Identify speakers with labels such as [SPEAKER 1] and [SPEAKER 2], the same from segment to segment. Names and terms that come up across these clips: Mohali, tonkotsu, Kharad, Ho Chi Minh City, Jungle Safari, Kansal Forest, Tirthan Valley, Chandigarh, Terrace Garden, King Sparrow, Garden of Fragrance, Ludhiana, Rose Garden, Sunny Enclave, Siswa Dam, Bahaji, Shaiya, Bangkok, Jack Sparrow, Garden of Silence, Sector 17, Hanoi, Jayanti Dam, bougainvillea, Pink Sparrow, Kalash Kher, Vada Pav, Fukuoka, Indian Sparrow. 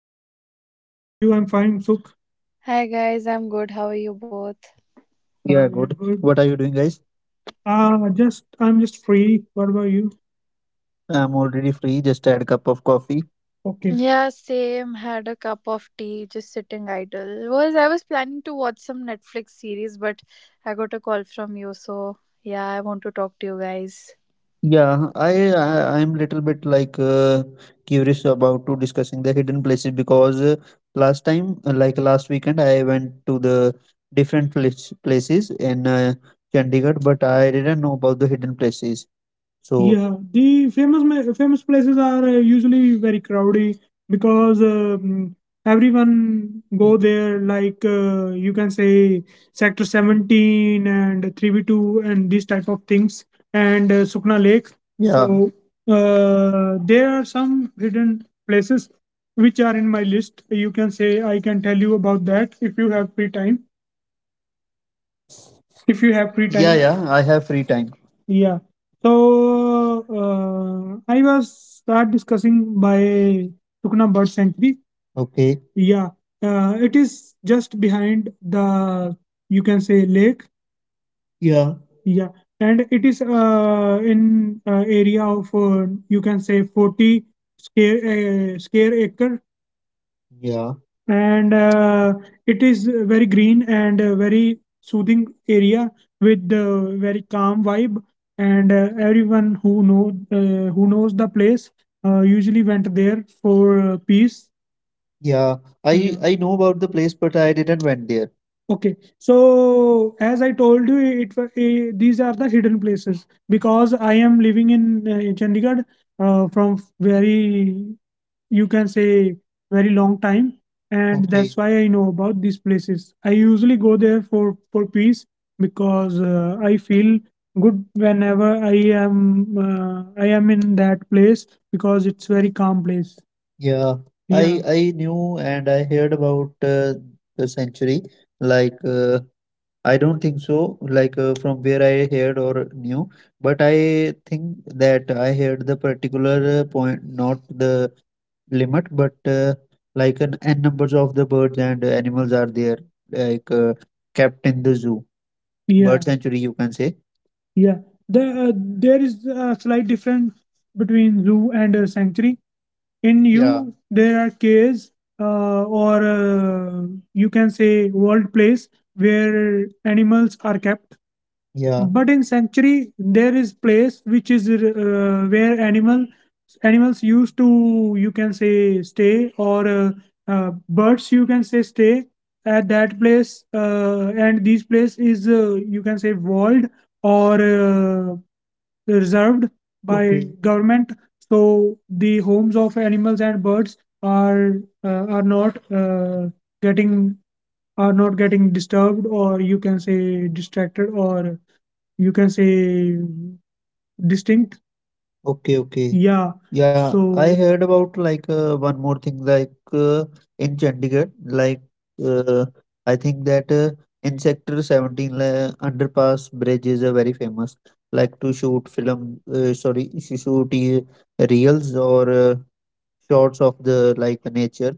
[SPEAKER 1] you? Hey Meher, how are you? I'm fine, Sukh.
[SPEAKER 2] Hi guys, I'm good. How are you both?
[SPEAKER 1] Yeah, I'm good. What are you doing, guys? Just I'm just free. What about you? I'm already free. Just had cup of coffee. Okay.
[SPEAKER 2] Yeah, same. Had a cup of tea, just sitting idle. Was I was planning to watch some Netflix series, but I got a call from you, so yeah, I want to talk to you guys.
[SPEAKER 1] Yeah, I'm little bit like curious about to discussing the hidden places because last time, like last weekend, I went to the different places in Chandigarh, but I didn't know about the hidden places. So yeah, the famous places are usually very crowded because everyone go there. Like you can say Sector 17 and 3 B 2 and these type of things and Sukna Lake. Yeah, so there are some hidden places which are in my list. You can say I can tell you about that if you have free time, if you have free, yeah, time. Yeah, I have free time. Yeah, so I was start discussing by Tukna bird sanctuary. Okay, yeah, it is just behind the, you can say, lake. Yeah, yeah, and it is in area of you can say 40 square square acre. Yeah, and it is very green and very soothing area with the very calm vibe and everyone who know who knows the place usually went there for peace. Yeah. I know about the place, but I didn't went there. Okay, so as I told you, these are the hidden places because I am living in Chandigarh from very, you can say, very long time and okay, that's why I know about these places. I usually go there for peace because I feel good whenever I am in that place because it's very calm place. Yeah, yeah, I knew and I heard about the sanctuary. Like I don't think so, like from where I heard or knew, but I think that I heard the particular point, not the limit, but like an n numbers of the birds and animals are there, like kept in the zoo, bird, yeah, sanctuary, you can say. Yeah. The, there is a slight difference between zoo and a sanctuary in, yeah, you, yeah. There are caves or you can say world place where animals are kept, yeah, but in sanctuary there is place which is where animals used to, you can say, stay or birds, you can say, stay at that place and this place is you can say walled or reserved by, okay, government, so the homes of animals and birds are not getting, are not getting disturbed or you can say distracted or you can say distinct. Okay, okay. Yeah. Yeah, I, so, heard about like one more thing. Like in Chandigarh, like uh, I think that in Sector 17 la underpass bridges are very famous, like to shoot film, shoot reels or shots of the like nature.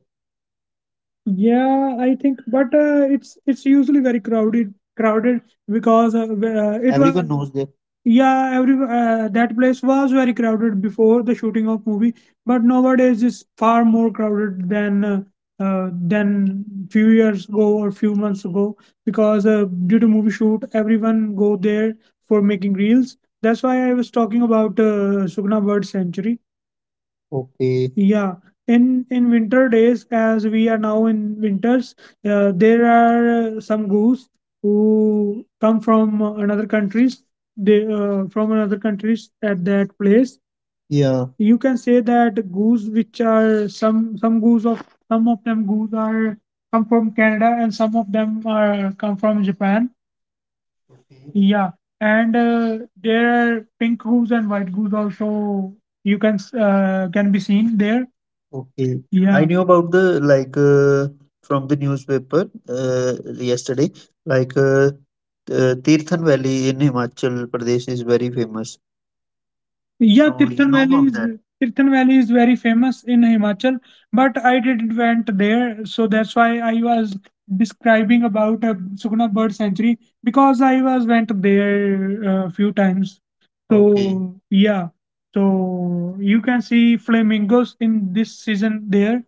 [SPEAKER 1] Yeah, I think, but it's usually very crowded because it was, everyone knows that, yeah, every that place was very crowded before the shooting of movie, but nowadays it's far more crowded than few years ago or few months ago because due to movie shoot, everyone go there for making reels. That's why I was talking about Sugna Bird Sanctuary. Okay. Yeah, in winter days, as we are now in winters, there are some goose who come from another countries. They from another countries at that place. Yeah. You can say that goose, which are some goose of some of them goose are come from Canada and some of them are come from Japan, yeah, and there are pink goose and white goose also. Can be seen there. Okay, I, yeah, knew about the, like from the newspaper yesterday. Like Tirthan Valley in Himachal Pradesh is very famous. Yeah, so you, Tirthan, know, Valley, of, is, that? Tirthan Valley is very famous in Himachal, but I didn't went there, so that's why I was describing about Sukna Bird Sanctuary because I was went there a few times. Okay. So yeah, so you can see flamingos in this season there.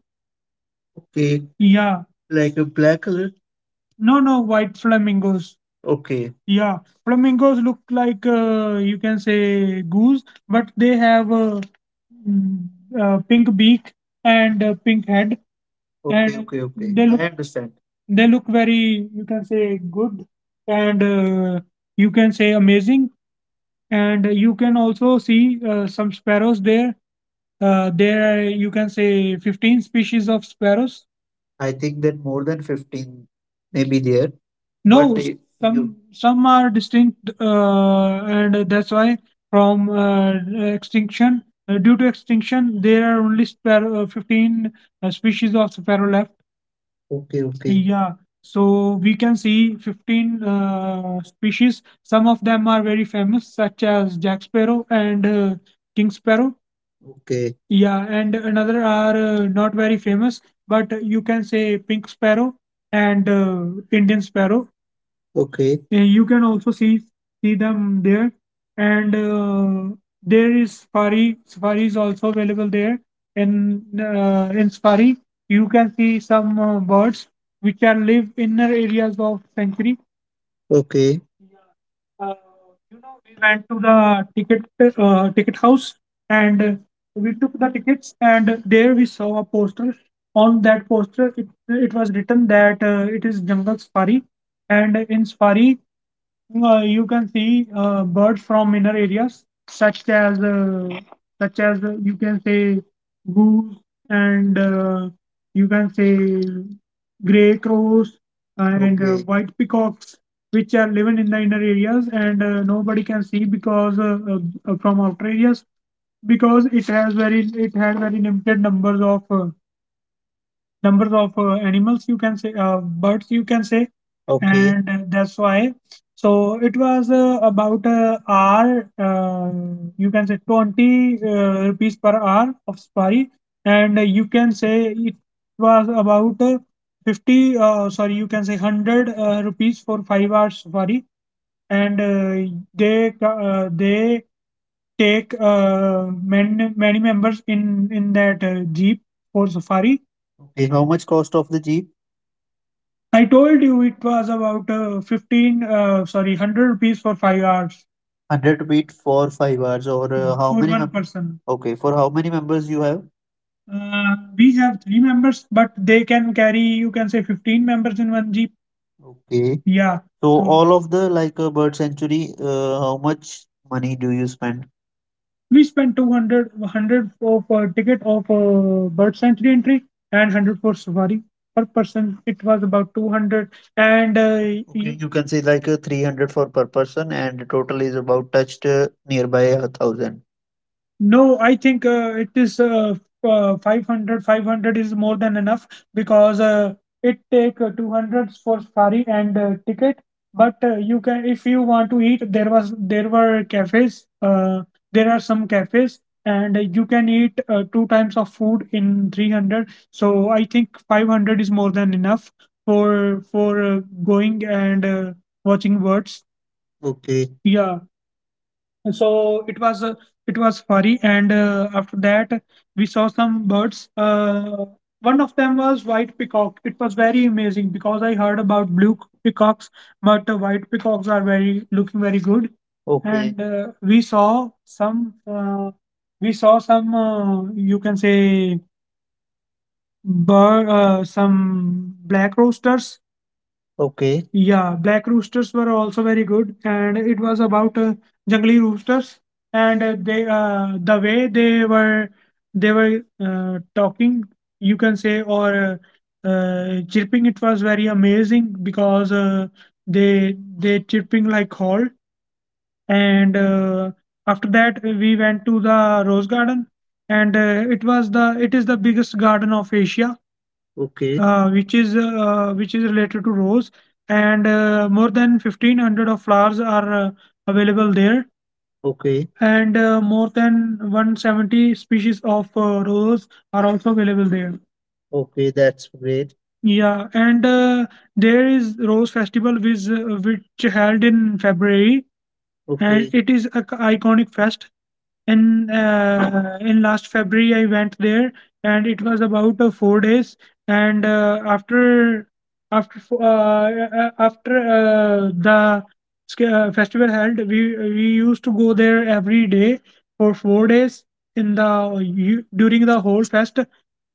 [SPEAKER 1] Okay. Yeah, like a black color. No, no, white flamingos. Okay. Yeah, flamingos look like you can say goose, but they have a, mm, a pink beak and a pink head, okay, and okay, okay, they, I look, understand, they look very, you can say, good and you can say amazing and you can also see some sparrows there. There are You can say 15 species of sparrows. I think that more than 15 may be there, but no, you you some are distinct, and that's why from extinction, due to extinction, there are only sparrow, 15 species of sparrow left. Okay, okay. Yeah, so we can see 15 species. Some of them are very famous, such as Jack Sparrow and King Sparrow. Okay. Yeah, and another are not very famous, but you can say Pink Sparrow and Indian Sparrow. Okay. You can also see them there and there is safari is also available there. In in safari you can see some birds which are live inner areas of sanctuary. Okay. Yeah. Uh, you know, we went to the ticket house and we took the tickets and there we saw a poster. On that poster, it was written that it is Jungle Safari, and in Safari you can see birds from inner areas, such as you can say goose and you can say grey crows and okay, white peacocks, which are living in the inner areas and nobody can see because from outer areas because it has very limited numbers of animals, you can say, birds, you can say, okay, and that's why, so it was about hour you can say 20 rupees per hour of safari and you can say it was about 50 sorry, you can say 100 rupees for 5 hours safari and they take many members in that jeep for safari. Okay, how much cost of the jeep? I told you it was about 15 sorry, 100 rupees for 5 hours. 100 rupees for 5 hours or how for many one person. Okay, for how many members you have these have three members, but they can carry, you can say, 15 members in one Jeep. Okay. Yeah. So, so all of the like a bird sanctuary, how much money do you spend? We spent 200, 100 for of ticket of a bird sanctuary entry and 100 for safari. Per person, it was about 200. And okay, you can say like a 300 for per person and total is about touched nearby a thousand. No, I think it is 500. 500 is more than enough because it take 200 for safari and ticket. But you can, if you want to eat, there was, there were cafes. There are some cafes, and you can eat two times of food in 300. So I think 500 is more than enough for going and watching birds. Okay. Yeah, so it was furry and after that we saw some birds. One of them was white peacock. It was very amazing because I heard about blue peacocks but white peacocks are very looking very good. Okay. And we saw some you can say bird, some black roosters. Okay. Yeah, black roosters were also very good, and it was about jungly roosters, and they they were talking, you can say, or chirping. It was very amazing because they chirping like hall, and after that we went to the rose garden, and it is the biggest garden of Asia, okay, which is related to rose and more than 1500 of flowers are available there. Okay. And more than 170 species of rose are also available there. Okay. That's great. Yeah, and there is rose festival which held in February, and okay. It is a iconic fest in last February. I went there and it was about 4 days, and after the festival held, we used to go there every day for 4 days in the during the whole fest,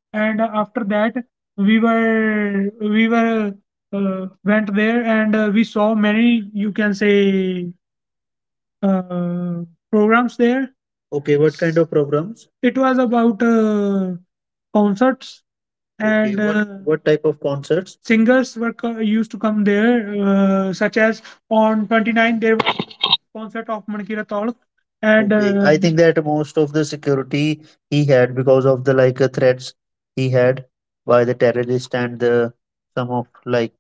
[SPEAKER 1] and after that we were we were went there, and we saw many, you can say, uh, programs there. Okay, what kind of programs? It was about concerts. Okay, and okay, what type of concerts? Singers used to come there, such as on 29 there was a concert of Manikira Taul. And okay, I think that most of the security he had because of the, like, threats he had by the terrorist, and the some of, like.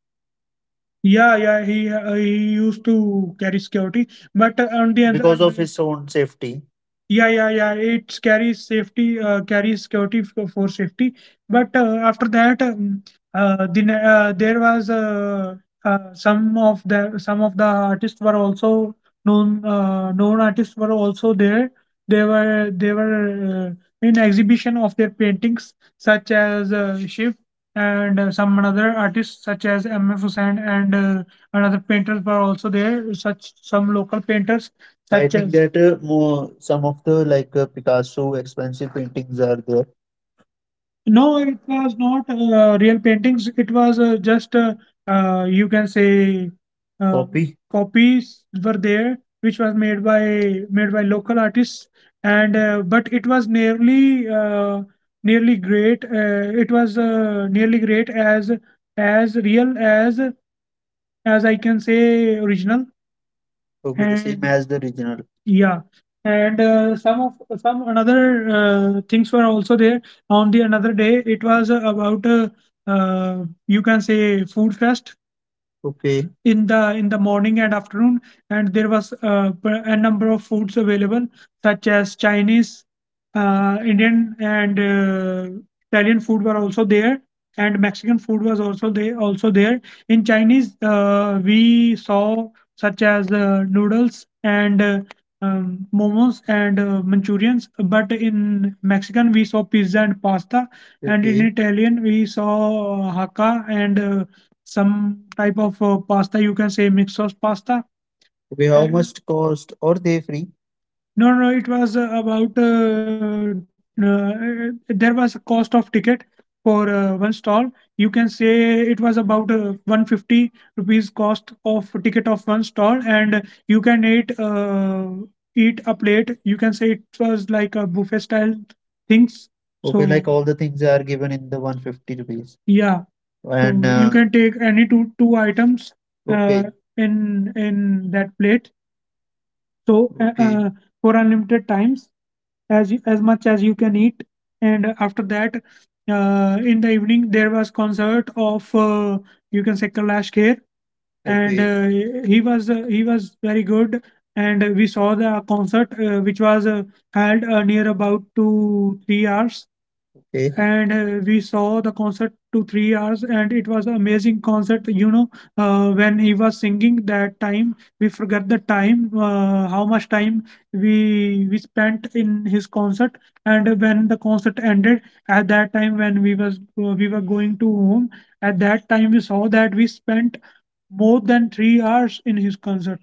[SPEAKER 1] Yeah, yeah, he used to carry security, but on the other because of his own safety. Yeah, yeah, yeah, it carries safety, carries security for safety. But after that, there was some of the artists were also known artists were also there. They were in exhibition of their paintings, such as Shiv and some another artists such as MF Hussain, and another painters were also there. Such some local painters I such think as that more some of the, like, Picasso expensive paintings are there. No, it was not real paintings. It was just, you can say, copy? Copies were there, which was made by local artists, and but it was nearly great. It was nearly great, as real, as I can say, original. Okay, same and as the original. Yeah, and some another things were also there. On the another day, it was about, you can say, food fest. Okay. In the morning and afternoon, and there was a number of foods available, such as Chinese, indian, and italian food were also there, and Mexican food was also there. Also there in Chinese, we saw such as noodles and, momos and manchurians, but in Mexican we saw pizza and pasta, and in, okay, Italian we saw hakka and some type of pasta, you can say, mix of pasta. We how and much cost or they free? No, no, no, it was about, there was a cost of ticket for one stall. You can say it was about 150 rupees cost of ticket of one stall, and you can eat a plate. You can say it was like a buffet style things. Okay, like, so all the things are given in the 150 rupees. Yeah, and so you can take any two items, okay, in that plate, so okay, for unlimited times, as much as you can eat, and after that, in the evening, there was concert of, you can say, Kalash Kher. And okay, he was very good, and we saw the concert which was held near about 2 3 hours. Okay. And we saw the concert to 3 hours, and it was an amazing concert. When he was singing, that time we forget the time, how much time we spent in his concert. And when the concert ended at that time, when we were going to home, at that time we saw that we spent more than 3 hours in his concert.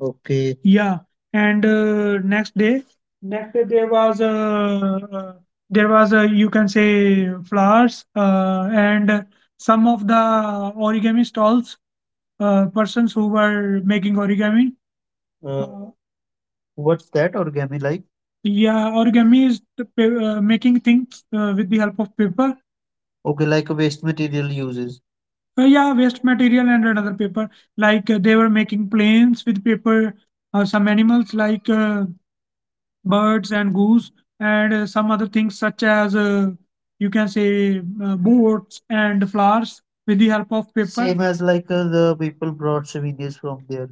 [SPEAKER 1] Okay. Yeah, and next day, there was a, you can say, flowers, and some of the origami stalls, persons who were making origami. Uh, Uh, what's that origami like? Yeah, origami is the, making things with the help of paper. Okay, like a waste material uses. Yeah, waste material and another paper. Like, they were making planes with paper, some animals like birds and goose, and some other things such as, you can say, boats and flowers with the help of paper. Same as like, the people brought souvenirs from there.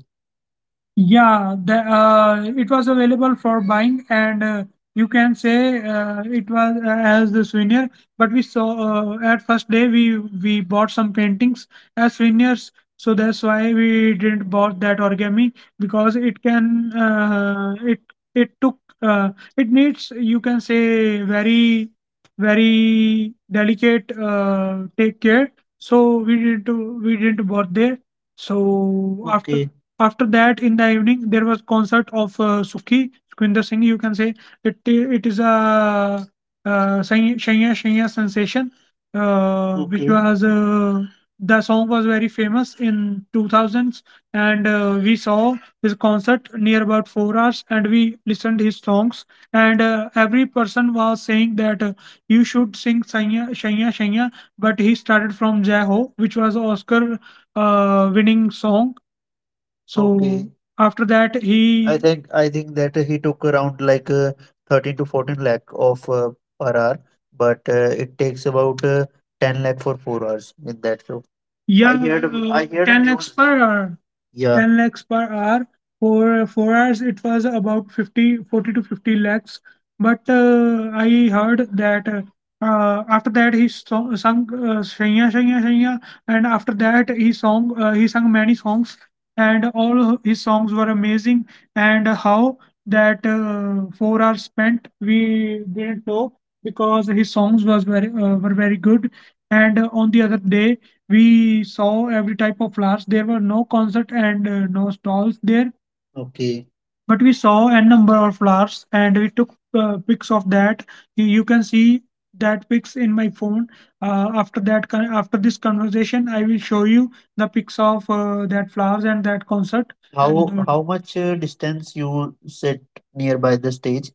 [SPEAKER 1] Yeah, it was available for buying, and you can say it was as the souvenir. But we saw at first day we bought some paintings as souvenirs, so that's why we didn't bought that origami, because it took, it needs, you can say, very very delicate take care. So we didn't bought there. So after. Okay. After that, in the evening, there was concert of Sukhi Sukhwinder Singh. You can say it. It is a Shaiya Shaiya sensation. Uh, Okay. Which, okay, was, the song was very famous in 2000s, and we saw his concert near about 4 hours, and we listened his songs, and every person was saying that you should sing Shaiya Shaiya Shaiya, but he started from Jai Ho, which was Oscar winning song. Okay. So okay, after that, I think that he took around like 13 to 14 lakh of per hour, but it takes about 10 lakh for 4 hours in that show. I yeah, I heard 10 lakhs news per hour. Yeah, 10 lakhs per hour for 4 hours. It was about fifty, 40 to 50 lakhs. But I heard that, after that, he sung Shania Shania, Shaiya, and after that he sung many songs, and all his songs were amazing, and how that 4 hours spent we didn't know, because his songs was very were very good. And on the other day we saw every type of flowers, there were no concert and no stalls there. Okay. But we saw a number of flowers, and we took pics of that. You can see that pics in my phone. After this conversation I will show you the pics of that flowers and that concert. And how? And how much distance you sit nearby the stage?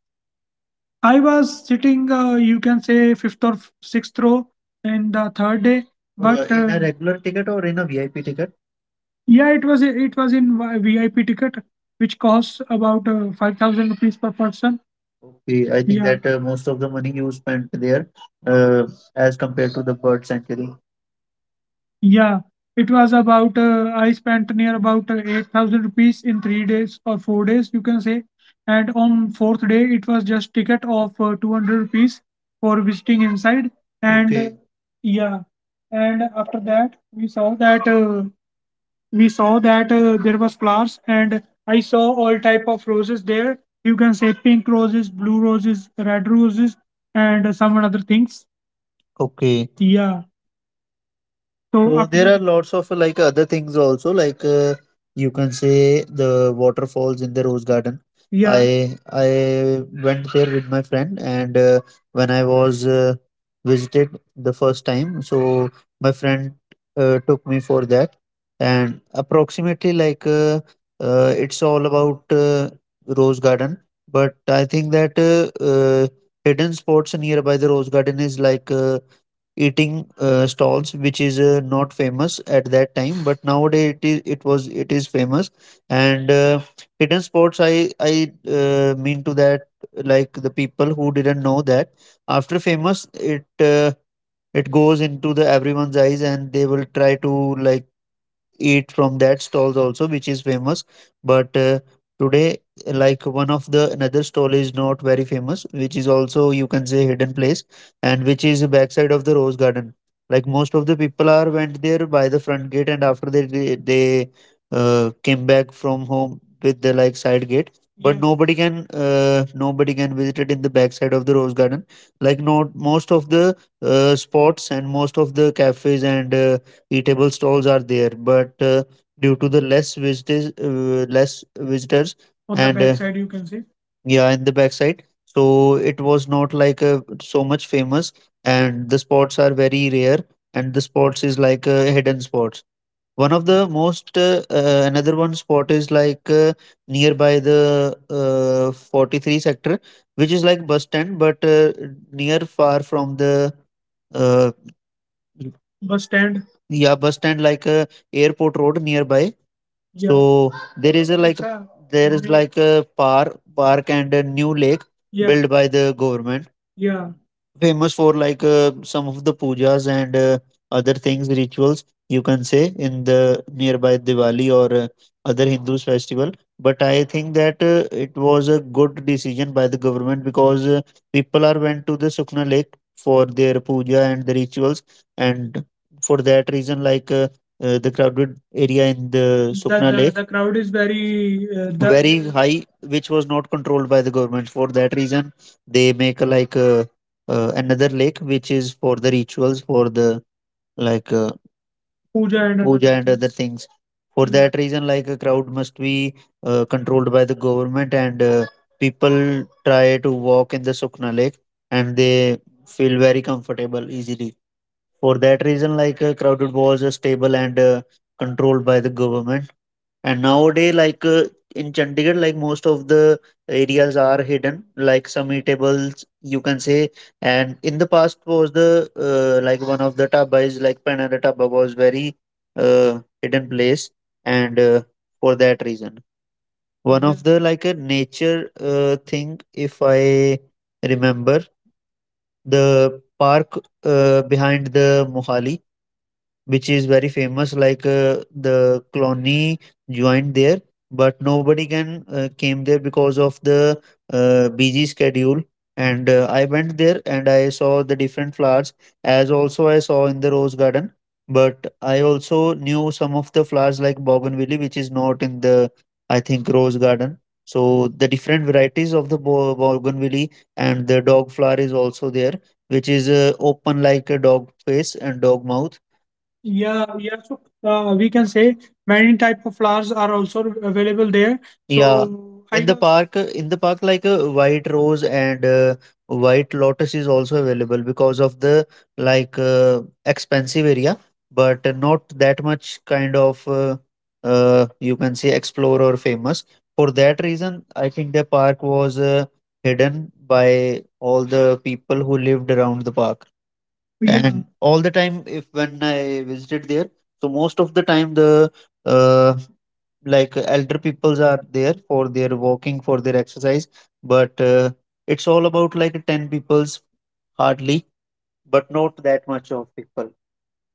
[SPEAKER 1] I was sitting, you can say, fifth or sixth row in the third day. But in a regular ticket or in a VIP ticket? Yeah, it was in VIP ticket, which costs about 5,000 rupees per person. Okay, I think. Yeah, that most of the money you spent there uh, as compared to the bird sanctuary. Yeah, it was about I spent near about 8,000 rupees in 3 days or 4 days, you can say. And on fourth day, it was just ticket of 200 rupees for visiting inside. And okay. Yeah, and after that, we saw that there was flowers, and I saw all type of roses there. You can say pink roses, blue roses, red roses, and some other things. Okay. Yeah. So after, there are lots of like other things also, like, you can say, the waterfalls in the Rose Garden. Yeah, I went there with my friend, and when I was visited the first time, so my friend took me for that, and approximately like, it's all about Rose Garden, but I think that hidden spots nearby the Rose Garden is like. Eating stalls which is not famous at that time, but nowadays it is famous, and hidden spots I mean to that, like, the people who didn't know that after famous it goes into the everyone's eyes, and they will try to, like, eat from that stalls also which is famous, but today, like, one of the another stall is not very famous, which is also, you can say, hidden place, and which is backside of the Rose Garden, like most of the people are went there by the front gate, and after they came back from home with the, like, side gate. But yeah. Nobody can nobody can visit it in the backside of the rose garden, like not most of the spots and most of the cafes and eatable stalls are there, but due to the less visitors, less visitors on the and backside you can see. Yeah, in the backside, so it was not like so much famous and the spots are very rare, and the spots is like hidden spots. One of the most another one spot is like nearby the 43 sector, which is like bus stand, but near far from the uh, bus stand या bus stand like airport road nearby. Yeah. So there is a like achha, there is like a park and a new lake. Yeah. Built by the government, yeah, famous for like some of the pujas and other things, rituals you can say, in the nearby Diwali or other Hindus festival. But I think that it was a good decision by the government, because people are went to the Sukna Lake for their puja and the rituals, and for that reason, like. The crowded area in the Sukna, the Lake, the crowd is very the very high, which was not controlled by the government. For that reason, they make a, like another lake, which is for the rituals, for the like puja and puja other puja and other things. For hmm, that reason, like, a crowd must be controlled by the government, and people try to walk in the Sukna Lake, and they feel very comfortable, easily. For that reason, like crowded was stable and controlled by the government. And nowadays, like in Chandigarh, like most of the areas are hidden, like some eatables you can say. And in the past was the like one of the tabas, like Panada Taba was very hidden place, and for that reason, one mhm of the like a nature thing, if I remember, the park behind the Mohali, which is very famous, like the colony joined there, but nobody can came there because of the busy schedule. And I went there and I saw the different flowers as also I saw in the rose garden, but I also knew some of the flowers like bougainvillea, which is not in the, I think, rose garden. So the different varieties of the bougainvillea and the dog flower is also there, which is open like a dog face and dog mouth, yeah, yeah. So we can say many type of flowers are also available there. Yeah, so I, in the know, park, in the park, like a white rose and white lotus is also available because of the like expensive area, but not that much kind of you can say explore or famous. For that reason, I think the park was hidden by all the people who lived around the park. Yeah. And all the time, if when I visited there, so most of the time the uh, like elder peoples are there for their walking, for their exercise, but it's all about like 10 peoples hardly, but not that much of people.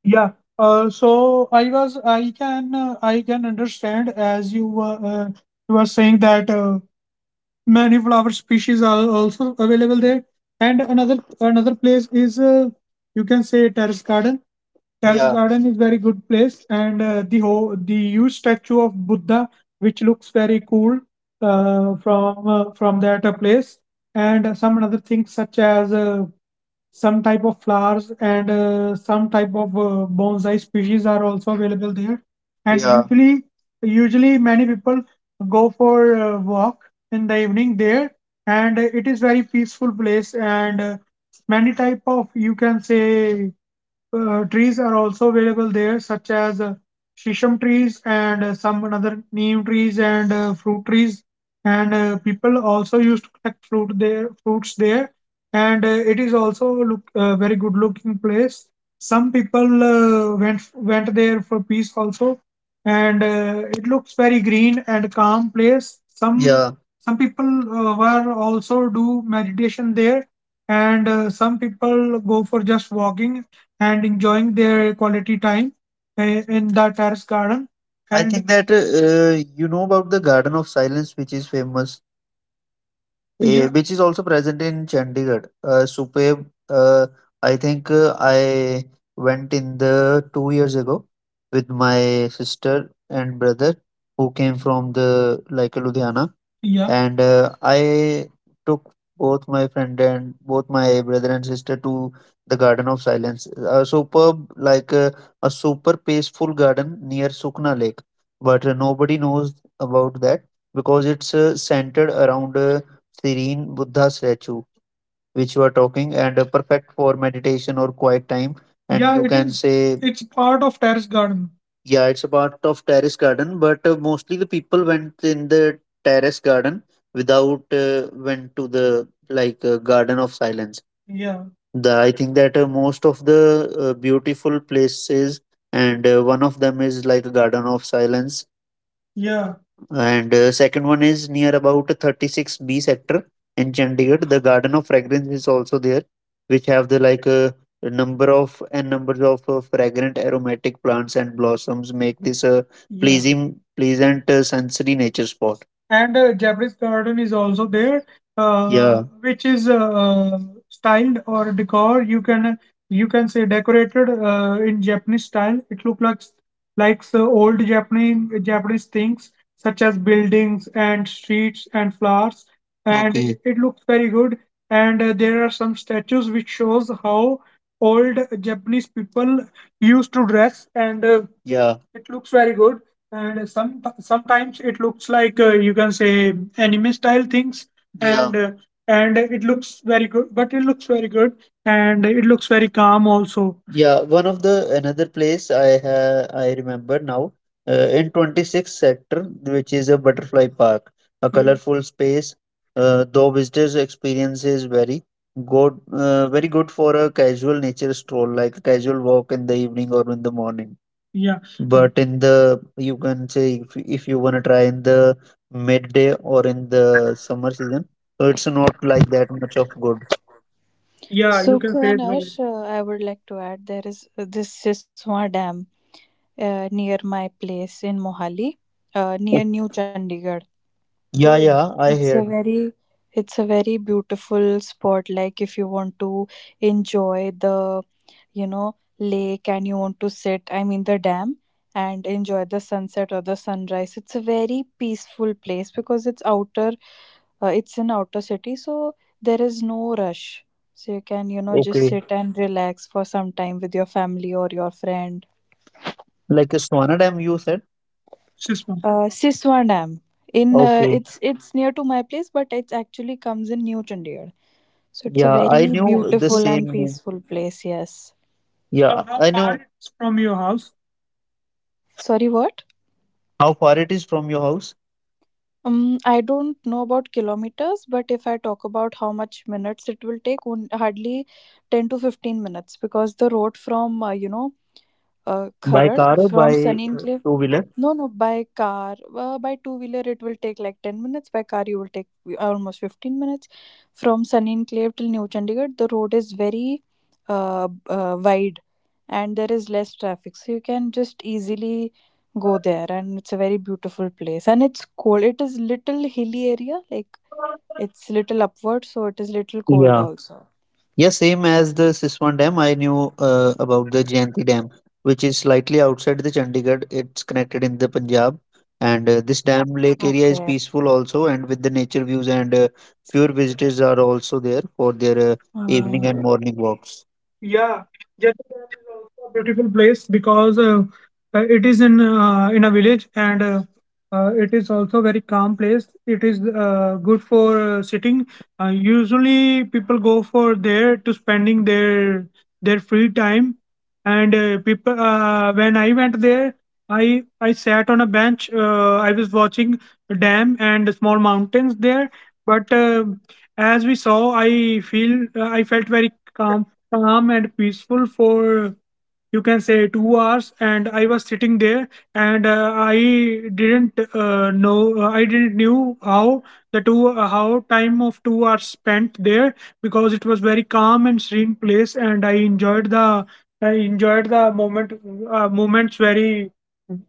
[SPEAKER 1] Yeah. So I was, I can understand, as you were saying that many flower species are also available there. And another place is you can say terrace garden. Terrace, yeah, garden is very good place, and the whole, the huge statue of Buddha, which looks very cool from that place, and some other things such as some type of flowers and some type of bonsai species are also available there. And yeah, usually many people go for a walk in the evening there, and it is very peaceful place and many type of, you can say, trees are also available there, such as shisham trees and some another neem trees and fruit trees. And people also used to collect fruit there, fruits there. And it is also look very good looking place. Some people went there for peace also, and it looks very green and calm place. Some, yeah, some people were also do meditation there, and some people go for just walking and enjoying their quality time in the terrace garden. I and think that you know about the Garden of Silence, which is famous, yeah, eh, which is also present in Chandigarh. Superb. I think I went in the 2 years ago with my sister and brother who came from the like Ludhiana. Yeah. And I took both my friend and both my brother and sister to the Garden of Silence. A superb, like a super peaceful garden near Sukna Lake, but nobody knows about that because it's centered around. Serene Buddha statue, which you are talking, and perfect for meditation or quiet time. And yeah, you it can is say, it's part of terrace garden. Yeah, it's a part of terrace garden, but mostly the people went in the terrace garden without went to the like garden of silence. Yeah, the I think that most of the beautiful places, and one of them is like a Garden of Silence, yeah. And second one is near about 36B sector in Chandigarh. The Garden of Fragrance is also there, which have the like a number of and numbers of fragrant aromatic plants and blossoms, make this a yeah, pleasant sensory nature spot. And Japanese garden is also there, yeah, which is styled or decor. You can say decorated in Japanese style. It look like the old Japanese things such as buildings and streets and flowers, and okay, it looks very good. And there are some statues which shows how old Japanese people used to dress, and yeah, it looks very good. And sometimes it looks like you can say anime style things, yeah, and and it looks very good. But it looks very good and it looks very calm also. Yeah, one of the another place I have, I remember now, in 26th sector, which is a butterfly park, a mm colorful space. Though visitors' experience is very good, very good for a casual nature stroll, like a casual walk in the evening or in the morning. Yeah, but in the, you can say, if you wanna try in the midday or in the summer season, so it's not like that much of good. Yeah, you
[SPEAKER 2] So
[SPEAKER 1] can say it well.
[SPEAKER 2] Kanash, I would like to add there is this Siswa Dam near my place in Mohali,
[SPEAKER 1] Oh,
[SPEAKER 2] near New Chandigarh.
[SPEAKER 1] yeah, yeah, I
[SPEAKER 2] It's a
[SPEAKER 1] heard.
[SPEAKER 2] very beautiful spot. Like if you want to enjoy the lake and you want to sit, the dam, and enjoy the sunset or the sunrise, it's a very peaceful place because it's outer, it's in outer city, so there is no rush, so you can just
[SPEAKER 1] Okay.
[SPEAKER 2] sit and relax for some time with your family or your friend.
[SPEAKER 1] Like a Swana Dam, you said? Yes, ma'am.
[SPEAKER 2] Siswa Dam. In
[SPEAKER 1] Okay.
[SPEAKER 2] it's near to my place, but it actually comes in New Chandigarh. So it's a
[SPEAKER 1] Yeah, I
[SPEAKER 2] very
[SPEAKER 1] knew the
[SPEAKER 2] beautiful
[SPEAKER 1] same
[SPEAKER 2] and
[SPEAKER 1] name.
[SPEAKER 2] peaceful place. Yes.
[SPEAKER 1] So yeah, so how I far know far it's from your house?
[SPEAKER 2] Sorry, what?
[SPEAKER 1] How far it is from your house?
[SPEAKER 2] I don't know about kilometers, but if I talk about how much minutes it will take, on, hardly 10 to 15 minutes, because the road from,
[SPEAKER 1] By
[SPEAKER 2] Kharad,
[SPEAKER 1] car or by
[SPEAKER 2] from Sunny
[SPEAKER 1] two wheeler?
[SPEAKER 2] no, no, by car. By two wheeler, it will take like 10 minutes. By car, you will take almost 15 minutes. From Sunny Enclave till New Chandigarh, the road is very wide and there is less traffic. So you can just easily go there, and it's a very beautiful place. And it's cold. It is little hilly area, like it's little upward, so it is little cold
[SPEAKER 1] Yeah.
[SPEAKER 2] also.
[SPEAKER 1] Yeah, same as the Siswan Dam. I knew about the Jayanti Dam, which is slightly outside the Chandigarh. It's connected in the Punjab, and this dam
[SPEAKER 2] Okay.
[SPEAKER 1] lake area is peaceful also, and with the nature views and fewer visitors are also there for their evening
[SPEAKER 2] Mm.
[SPEAKER 1] and morning walks. Yeah, Jetty Dam is also a beautiful place because it is in a village and it is also very calm place. It is good for sitting. Usually people go for there to spending their free time, and people when I went there, I sat on a bench. I was watching a dam and small mountains there, but as we saw, I feel I felt very calm and peaceful for you can say 2 hours, and I was sitting there, and I didn't know, I didn't knew how the two how time of 2 hours spent there, because it was very calm and serene place, and I enjoyed the, I enjoyed the moment, moments, very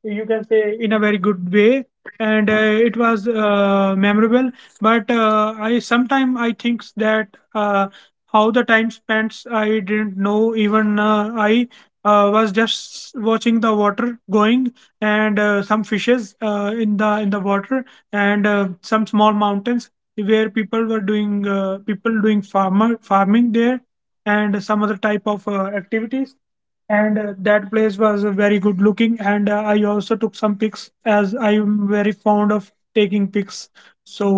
[SPEAKER 1] you can say in a very good way, and it was memorable. But I sometime I think that how the time spends I didn't know, even I was just watching the water going and some fishes in the water and some small mountains where people were doing people doing farmer farming there and some other type of activities. And that place was very good looking, and I also took some pics, as I am very fond of taking pics, so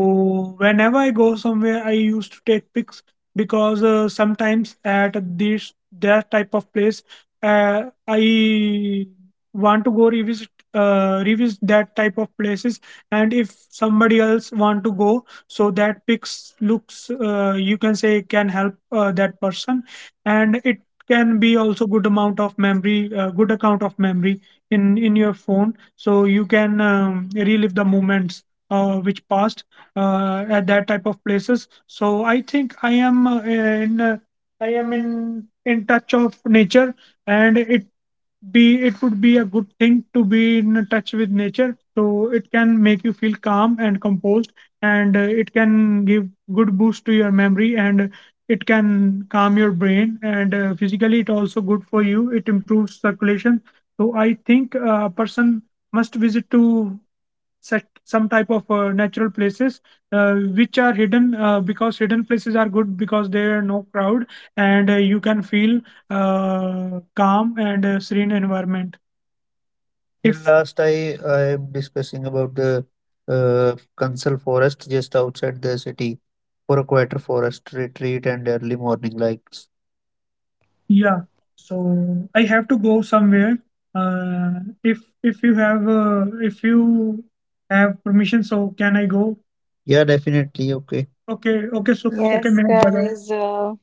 [SPEAKER 1] whenever I go somewhere I used to take pics, because sometimes at this that type of place I want to go revisit revisit that type of places, and if somebody else want to go, so that pics looks you can say can help that person, and it can be also good amount of memory, good account of memory in your phone, so you can relive the moments which passed at that type of places. So I think I am in I am in touch of nature, and it be it would be a good thing to be in touch with nature, so it can make you feel calm and composed, and it can give good boost to your memory, and it can calm your brain, and physically it also good for you, it improves circulation. So I think a person must visit to such some type of natural places which are hidden, because hidden places are good because there are no crowd and you can feel calm and serene environment. If last, I am discussing about the uh, Kansal Forest, just outside the city, for a quieter forest retreat and early morning lights. Yeah, so I have to go somewhere. If you have if you have permission, so can I go? Yeah, definitely. Okay. Okay, okay, so okay,
[SPEAKER 2] Yes,
[SPEAKER 1] minute, bye bye,
[SPEAKER 2] guys.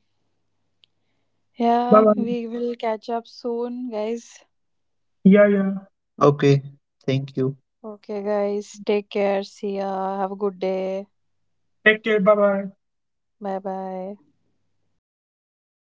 [SPEAKER 1] bye
[SPEAKER 2] Yeah,
[SPEAKER 1] bye.
[SPEAKER 2] we will catch up soon, guys.
[SPEAKER 1] Yeah, yeah. Okay. Thank you.
[SPEAKER 2] Okay, guys, take care. See ya. Have a good day.
[SPEAKER 1] Take care, bye bye.
[SPEAKER 2] Bye bye.